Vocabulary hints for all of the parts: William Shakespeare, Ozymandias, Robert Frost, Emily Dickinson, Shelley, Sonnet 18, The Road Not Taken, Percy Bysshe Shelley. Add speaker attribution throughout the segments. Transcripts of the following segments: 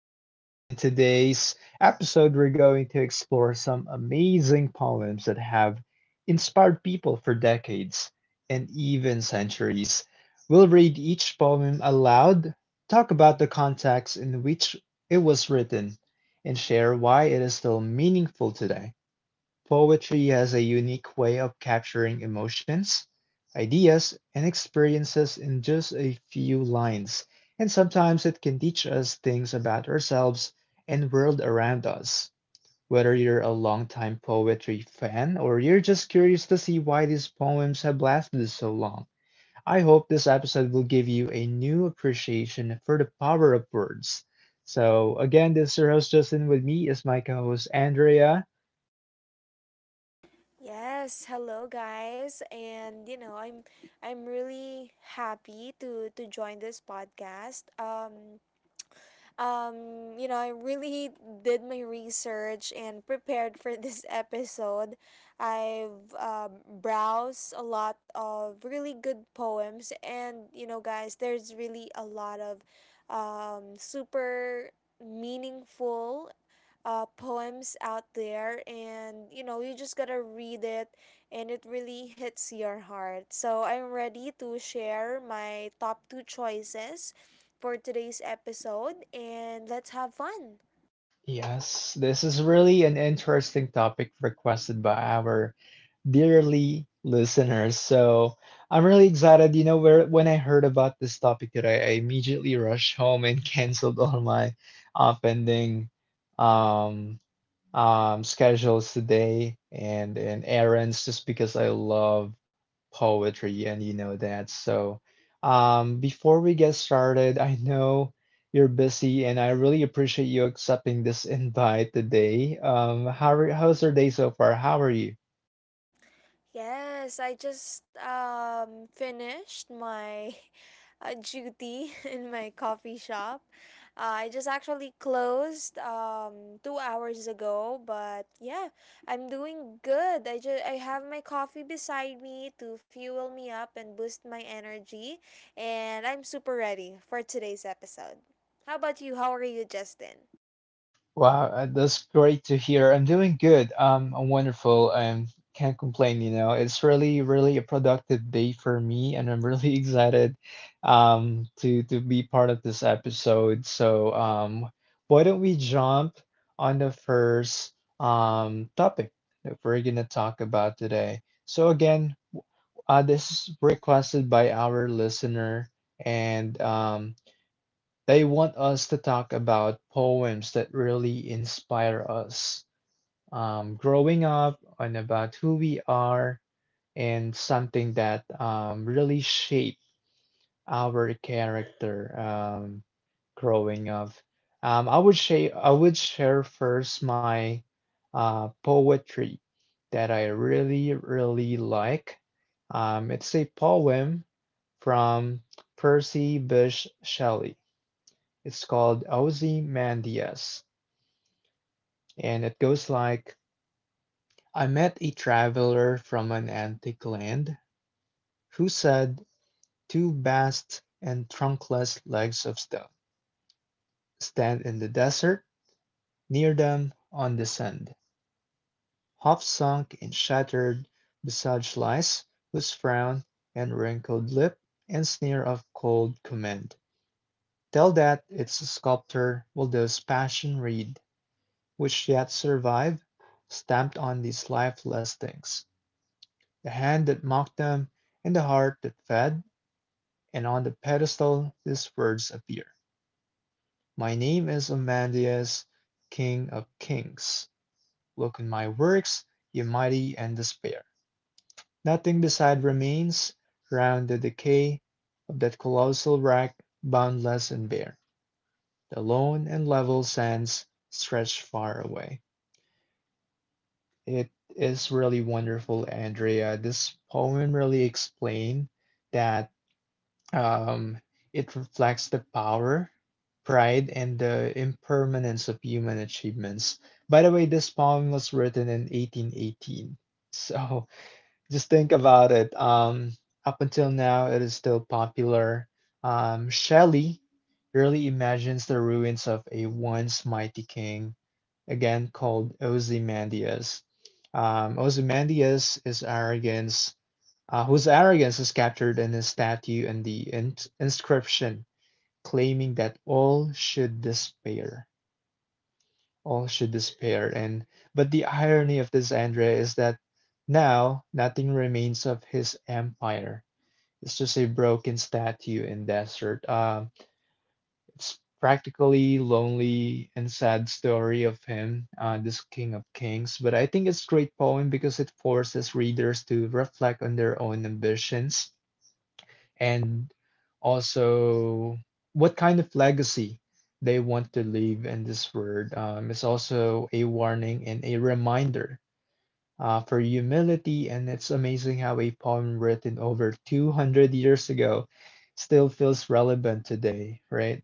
Speaker 1: Justin, and today's episode, we're going to explore some amazing poems that have inspired people for decades and even centuries. We'll read each poem aloud, talk about the context in which it was written, and share why it is still meaningful today. Poetry has a unique way of capturing emotions, ideas, and experiences in just a few lines, and sometimes it can teach us things about ourselves and world around us. Whether you're a longtime poetry fan or you're just curious to see why these poems have lasted so long, I hope this episode will give you a new appreciation for the power of words. So, again, this is your host Justin. With me is my co host Andrea.
Speaker 2: Yes, hello guys. And you know, I'm really happy to join this podcast. You know, I really did my research and prepared for this episode. I've browsed a lot of really good poems and you know, guys, there's really a lot of super meaningful poems out there, and you know you just gotta read it and it really hits your heart. So I'm ready to share my top two choices for today's episode, and let's have fun.
Speaker 1: Yes, this is really an interesting topic requested by our dearly listeners. So I'm really excited. You know, where when I heard about this topic today, I immediately rushed home and canceled all my pending um schedules today and errands just because I love poetry and you know that. So before we get started, I know you're busy and I really appreciate you accepting this invite today. How's your day so far? How are you?
Speaker 2: Yes, I just finished my duty in my coffee shop. I just actually closed 2 hours ago, but yeah, I'm doing good. I have my coffee beside me to fuel me up and boost my energy, and I'm super ready for today's episode. How about you? How are you, Justin?
Speaker 1: Wow, that's great to hear. I'm doing good. I'm wonderful. I can't complain, you know. It's really, really a productive day for me, and I'm really excited to be part of this episode. So, why don't we jump on the first topic that we're gonna talk about today? So again, this is requested by our listener, and they want us to talk about poems that really inspire us growing up and about who we are and something that really shape our character growing up. I would share first my poetry that I really really like. It's a poem from Percy Bysshe Shelley. It's called Ozymandias, and it goes like, I met a traveler from an antique land who said two vast and trunkless legs of stone stand in the desert, near them, on the sand, half sunk and shattered, beside lies, whose frown and wrinkled lip and sneer of cold command tell that its sculptor will those passion read, which yet survive, stamped on these lifeless things, the hand that mocked them and the heart that fed, and on the pedestal these words appear: my name is Amandius, King of Kings. Look in my works, ye mighty, and despair. Nothing beside remains, round the decay of that colossal wreck, boundless and bare. The lone and level sands stretch far away. It is really wonderful, Andrea. This poem really explains that um, it reflects the power, pride, and the impermanence of human achievements. By the way, this poem was written in 1818. So just think about it. Up until now, it is still popular. Shelley really imagines the ruins of a once mighty king again called Ozymandias. Ozymandias is arrogance, whose arrogance is captured in his statue and the inscription claiming that all should despair, all should despair. And but the irony of this, Andrea, is that now nothing remains of his empire. It's just a broken statue in desert. It's practically lonely and sad story of him, this King of Kings. But I think it's a great poem because it forces readers to reflect on their own ambitions and also what kind of legacy they want to leave in this world. It's also a warning and a reminder for humility, and it's amazing how a poem written over 200 years ago still feels relevant today, right?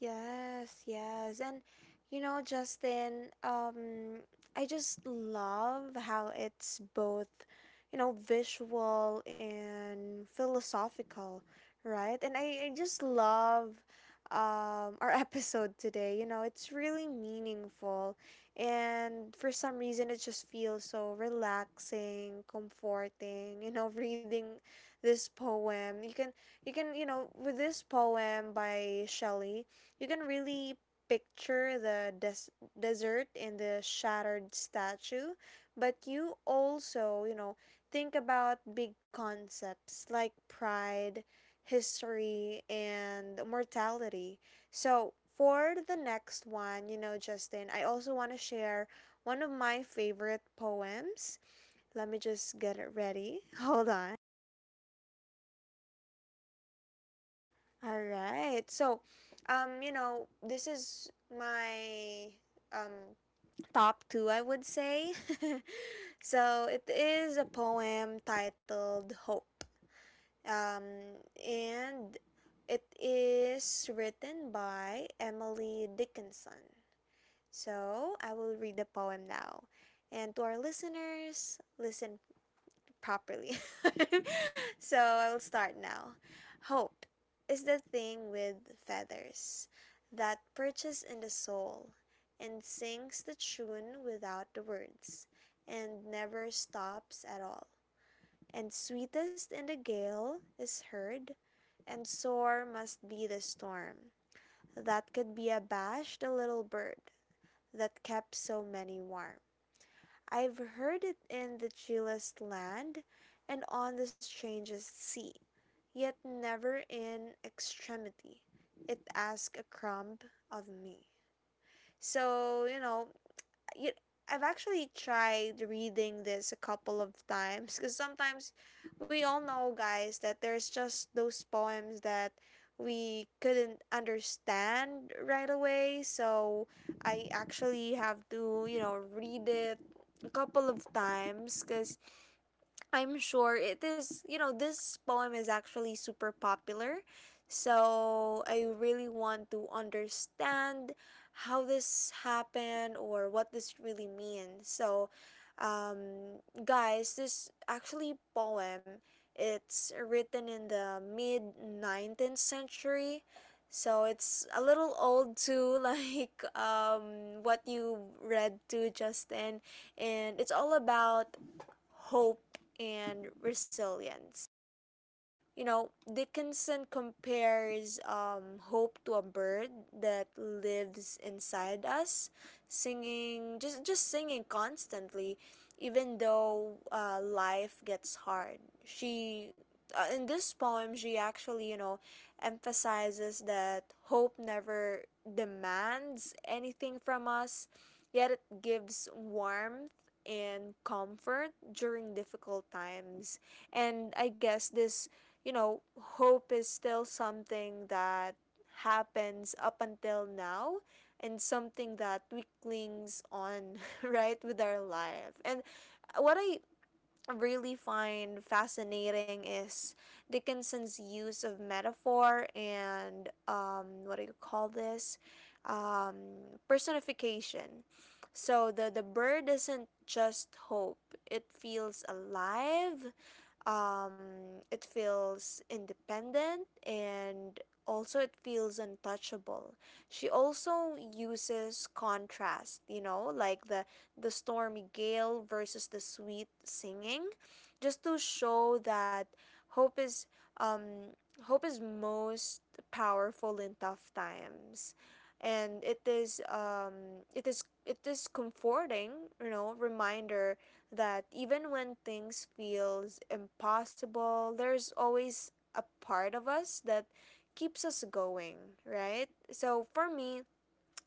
Speaker 2: Yes, yes. And you know, Justin, I just love how it's both, you know, visual and philosophical, right? And I just love our episode today. You know, it's really meaningful, and for some reason it just feels so relaxing, comforting, you know, reading this poem. You can you know with this poem by Shelley you can really picture the desert and the shattered statue, but you also, you know, think about big concepts like pride, history, and mortality. So, for the next one, you know, Justin, I also want to share one of my favorite poems. Let me just get it ready. Hold on. All right. So, you know, this is my um top two, I would say. So it is a poem titled Hope. Um, and it is written by Emily Dickinson. So I will read the poem now. And to our listeners, listen properly. So I'll start now. Hope is the thing with feathers that perches in the soul and sings the tune without the words and never stops at all. And sweetest in the gale is heard, and sore must be the storm that could be abashed the little bird that kept so many warm. I've heard it in the chillest land and on the strangest sea, yet never in extremity. It asked a crumb of me. So, you, I've actually tried reading this a couple of times because sometimes we all know, guys, that there's just those poems that we couldn't understand right away. So I actually have to, you know, read it a couple of times because I'm sure it is, you know, this poem is actually super popular. So I really want to understand how this happened or what this really means. So, guys, this actually poem, it's written in the mid 19th century. So it's a little old too, like what you read to Justin. And it's all about hope, and resilience. You know, Dickinson compares hope to a bird that lives inside us, singing just singing constantly, even though life gets hard. She in this poem she actually you know emphasizes that hope never demands anything from us, yet it gives warmth and comfort during difficult times. And I guess this you know, hope is still something that happens up until now, and something that we clings on right with our life. And what I really find fascinating is Dickinson's use of metaphor and what do you call this? Um, personification. So the bird isn't just hope, it feels alive, it feels independent, and also it feels untouchable. She also uses contrast, you know, like the stormy gale versus the sweet singing, just to show that hope is um hope is most powerful in tough times, and it is comforting you know reminder that even when things feels impossible, there's always a part of us that keeps us going, right? So for me,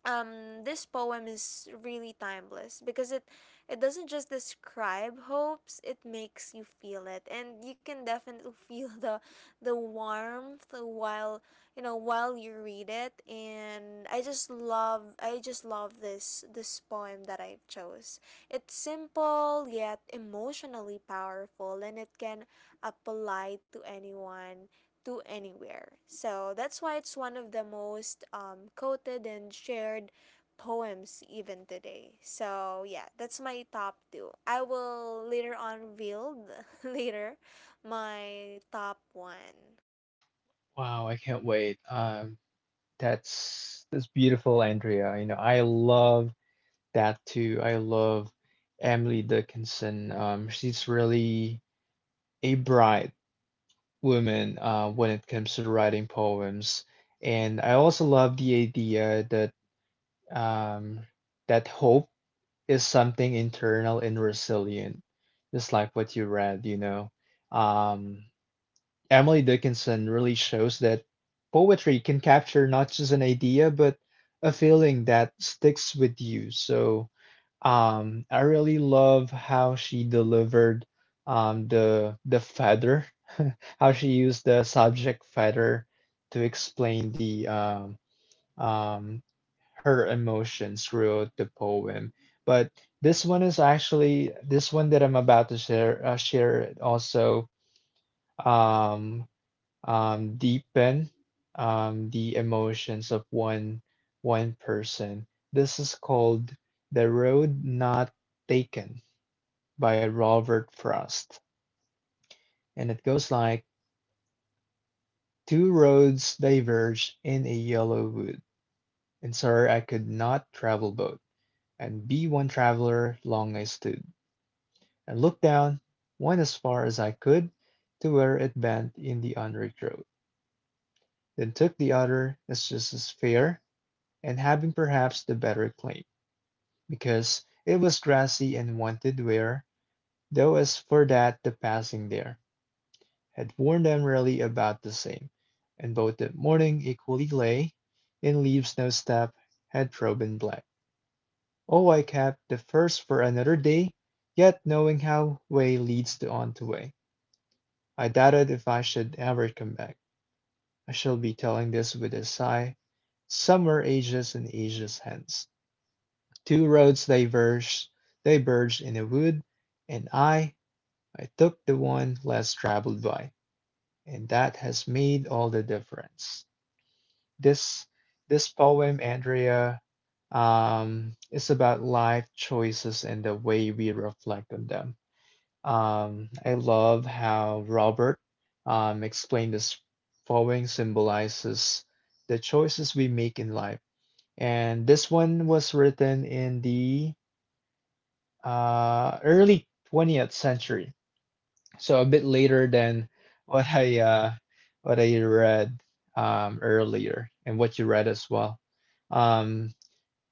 Speaker 2: this poem is really timeless because it doesn't just describe hopes, it makes you feel it, and you can definitely feel the warmth while you know while you read it. And I just love this poem that I chose. It's simple yet emotionally powerful, and it can apply to anyone to anywhere. So that's why it's one of the most quoted and shared poems even today. So yeah, that's my top two. I will later on reveal later my top one.
Speaker 1: Wow, I can't wait. That's beautiful, Andrea. You know, I love that too. I love Emily Dickinson. She's really a bright woman when it comes to writing poems. And I also love the idea that um, that hope is something internal and resilient, just like what you read, you know. Um, Emily Dickinson really shows that poetry can capture not just an idea, but a feeling that sticks with you. So I really love how she delivered the feather, how she used the subject feather to explain the um, her emotions throughout the poem. But this one is actually this one that I'm about to share share also um, deepen the emotions of one person. This is called The Road Not Taken by Robert Frost. And it goes like, two roads diverge in a yellow wood, and sorry I could not travel both, and be one traveler long I stood, and looked down one as far as I could to where it bent in the unrigged road, then took the other as just as fair and having perhaps the better claim, because it was grassy and wanted wear, though as for that the passing there had worn them really about the same, and both that morning equally lay in leaves no step had proven black. Oh, I kept the first for another day, yet knowing how way leads to on to way, I doubted if I should ever come back. I shall be telling this with a sigh, summer ages and ages hence. Two roads they verged in a wood, and I took the one less traveled by, and that has made all the difference. This this poem, Andrea, is about life choices and the way we reflect on them. I love how Robert explained this poem symbolizes the choices we make in life. And this one was written in the early 20th century. So a bit later than what I uh, what I read earlier and what you read as well. Um,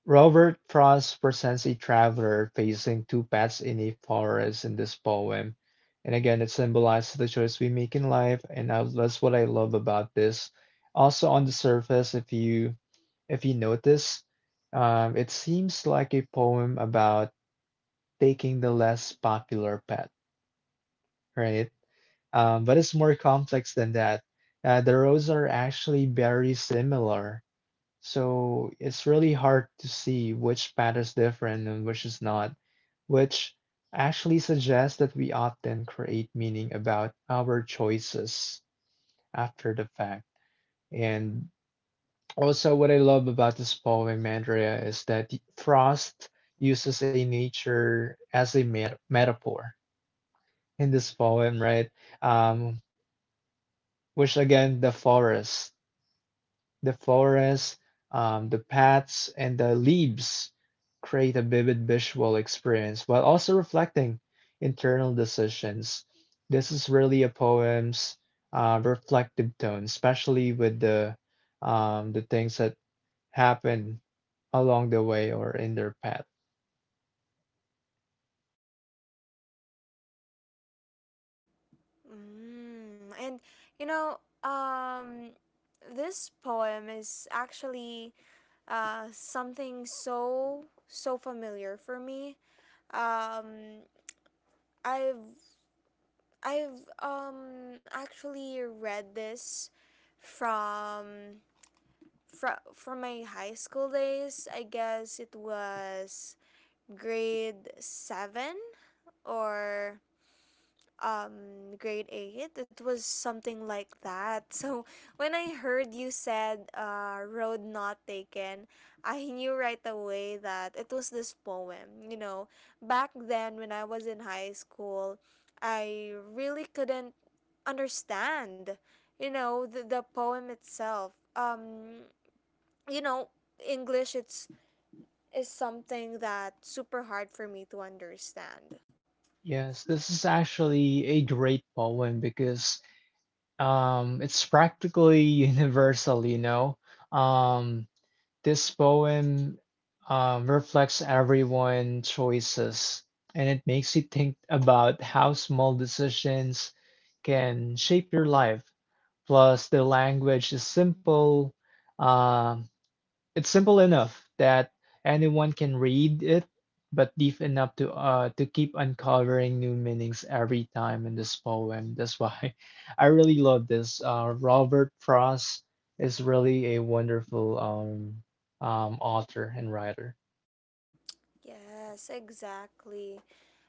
Speaker 1: Robert Frost presents a traveler facing two paths in a forest in this poem. And again, it symbolizes the choice we make in life, and that's what I love about this. Also, on the surface, if you notice, it seems like a poem about taking the less popular pet, right? But it's more complex than that. The roles are actually very similar, so it's really hard to see which pet is different and which is not, which actually suggests that we often create meaning about our choices after the fact. And also, what I love about this poem, Andrea, is that Frost uses a nature as a metaphor in this poem, right? Um, which again, the forest, the forest, the paths, and the leaves create a vivid visual experience while also reflecting internal decisions. This is really a poem's reflective tone, especially with the things that happen along the way or in their path.
Speaker 2: Mm, and you know, um, this poem is actually something so familiar for me. Um, I've I've um actually read this from from my high school days. I guess it was grade 7 or grade 8, it was something like that. So when I heard you said Road Not Taken, I knew right away that it was this poem. You know, back then when I was in high school, I really couldn't understand you know the poem itself. um you know, english it's is something that super hard for me to understand.
Speaker 1: Yes, this is actually a great poem because it's practically universal, you know. Um, this poem reflects everyone's choices, and it makes you think about how small decisions can shape your life. Plus, the language is simple, um, it's simple enough that anyone can read it, but deep enough to keep uncovering new meanings every time in this poem. That's why I really love this. Robert Frost is really a wonderful author and writer.
Speaker 2: Yes, exactly.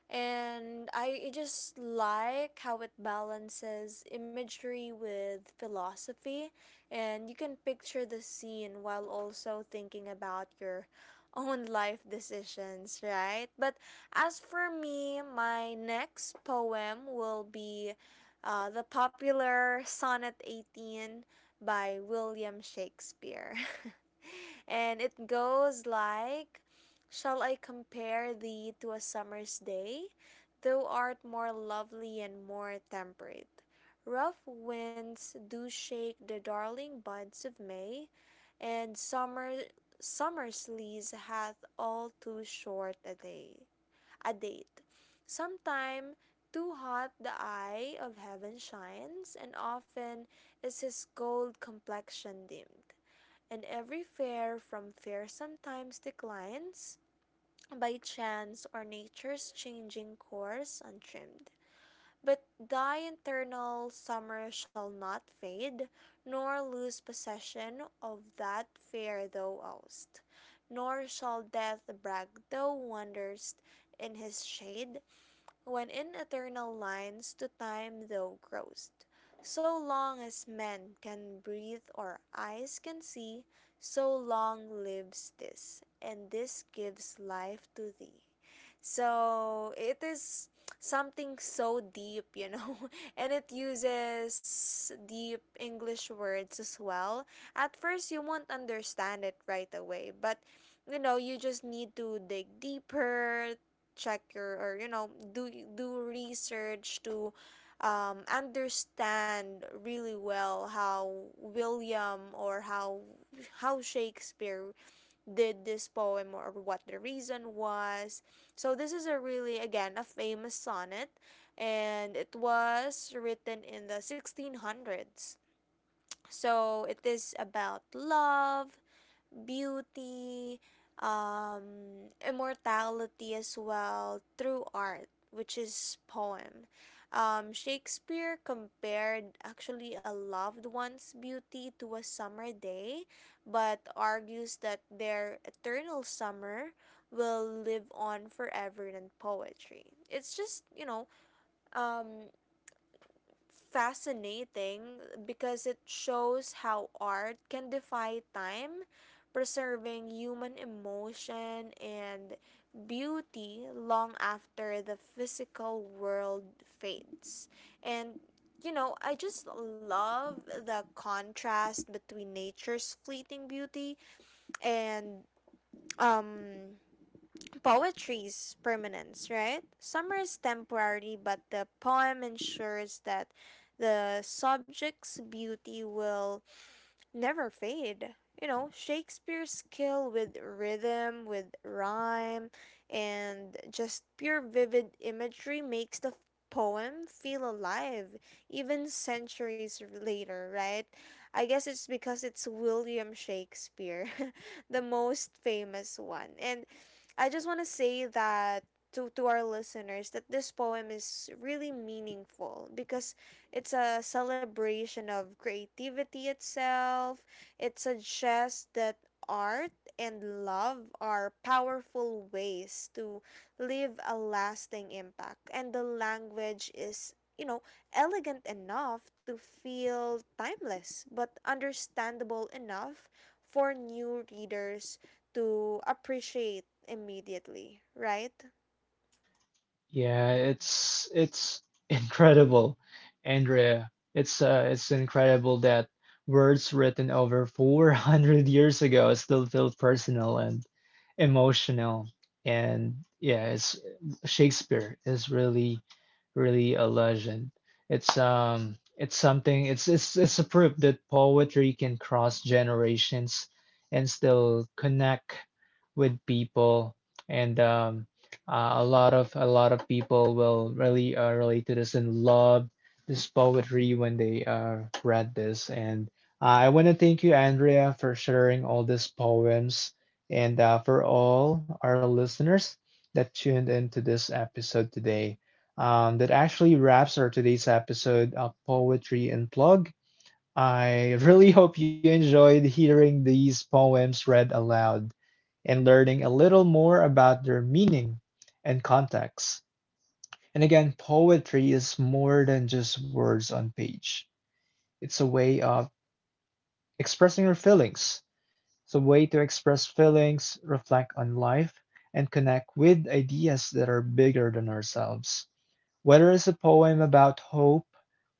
Speaker 2: And I just like how it balances imagery with philosophy, and you can picture the scene while also thinking about your own life decisions, right? But as for me, my next poem will be the popular Sonnet 18 by William Shakespeare. And it goes like, Shall I compare thee to a summer's day? Thou art more lovely and more temperate. Rough winds do shake the darling buds of May, and summer's lease hath all too short a day a date. Sometime too hot the eye of heaven shines, and often is his gold complexion dimmed, and every fair from fair sometimes declines by chance or nature's changing course untrimmed. But thy internal summer shall not fade, nor lose possession of that fair thou owest, nor shall death brag thou wander'st in his shade, when in eternal lines to time thou grow'st, so long as men can breathe or eyes can see, so long lives this, and this gives life to thee. So it is something so deep, you know, and it uses deep English words as well. At first, you won't understand it right away, but you know, you just need to dig deeper, check your or you know do research to understand really well how William or how Shakespeare did this poem or what the reason was. So this is a really again a famous sonnet, and it was written in the 1600s. So it is about love, beauty, um, immortality as well through art, which is poem. Shakespeare compared actually a loved one's beauty to a summer day, but argues that their eternal summer will live on forever in poetry. It's just, you know, um, fascinating because it shows how art can defy time, preserving human emotion and beauty long after the physical world fades. And you know, I just love the contrast between nature's fleeting beauty and um poetry's permanence, right? Summer is temporary, but the poem ensures that the subject's beauty will never fade. You know, Shakespeare's skill with rhythm, with rhyme, and just pure vivid imagery makes the poem feel alive even centuries later, right? I guess it's because it's William Shakespeare, the most famous one. And I just want to say that to our listeners that this poem is really meaningful because it's a celebration of creativity itself. It suggests that art and love are powerful ways to leave a lasting impact. And the language is, you know, elegant enough to feel timeless, but understandable enough for new readers to appreciate immediately, right?
Speaker 1: Yeah, it's incredible, Andrea. It's incredible that words written over 400 years ago still feel personal and emotional. And yeah, it's Shakespeare is really really a legend. It's something it's a proof that poetry can cross generations and still connect with people. And a lot of people will really relate to this and love this poetry when they read this. And I want to thank you, Andrea, for sharing all these poems and for all our listeners that tuned into this episode today. That actually wraps our today's episode of Poetry and Plug. I really hope you enjoyed hearing these poems read aloud and learning a little more about their meaning and context. And again, poetry is more than just words on page. It's a way of expressing your feelings. It's a way to express feelings, reflect on life, and connect with ideas that are bigger than ourselves. Whether it's a poem about hope,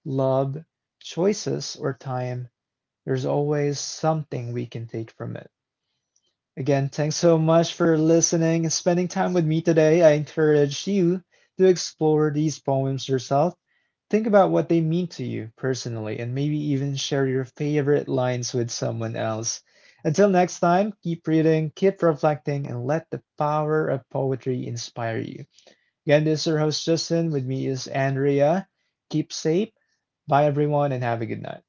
Speaker 1: love, choices, or time, there's always something we can take from it. Again, thanks so much for listening and spending time with me today. I encourage you to explore these poems yourself. Think about what they mean to you personally and maybe even share your favorite lines with someone else. Until next time, keep reading, keep reflecting, and let the power of poetry inspire you. Again, this is your host Justin. With me is Andrea. Keep safe. Bye, everyone, and have a good night.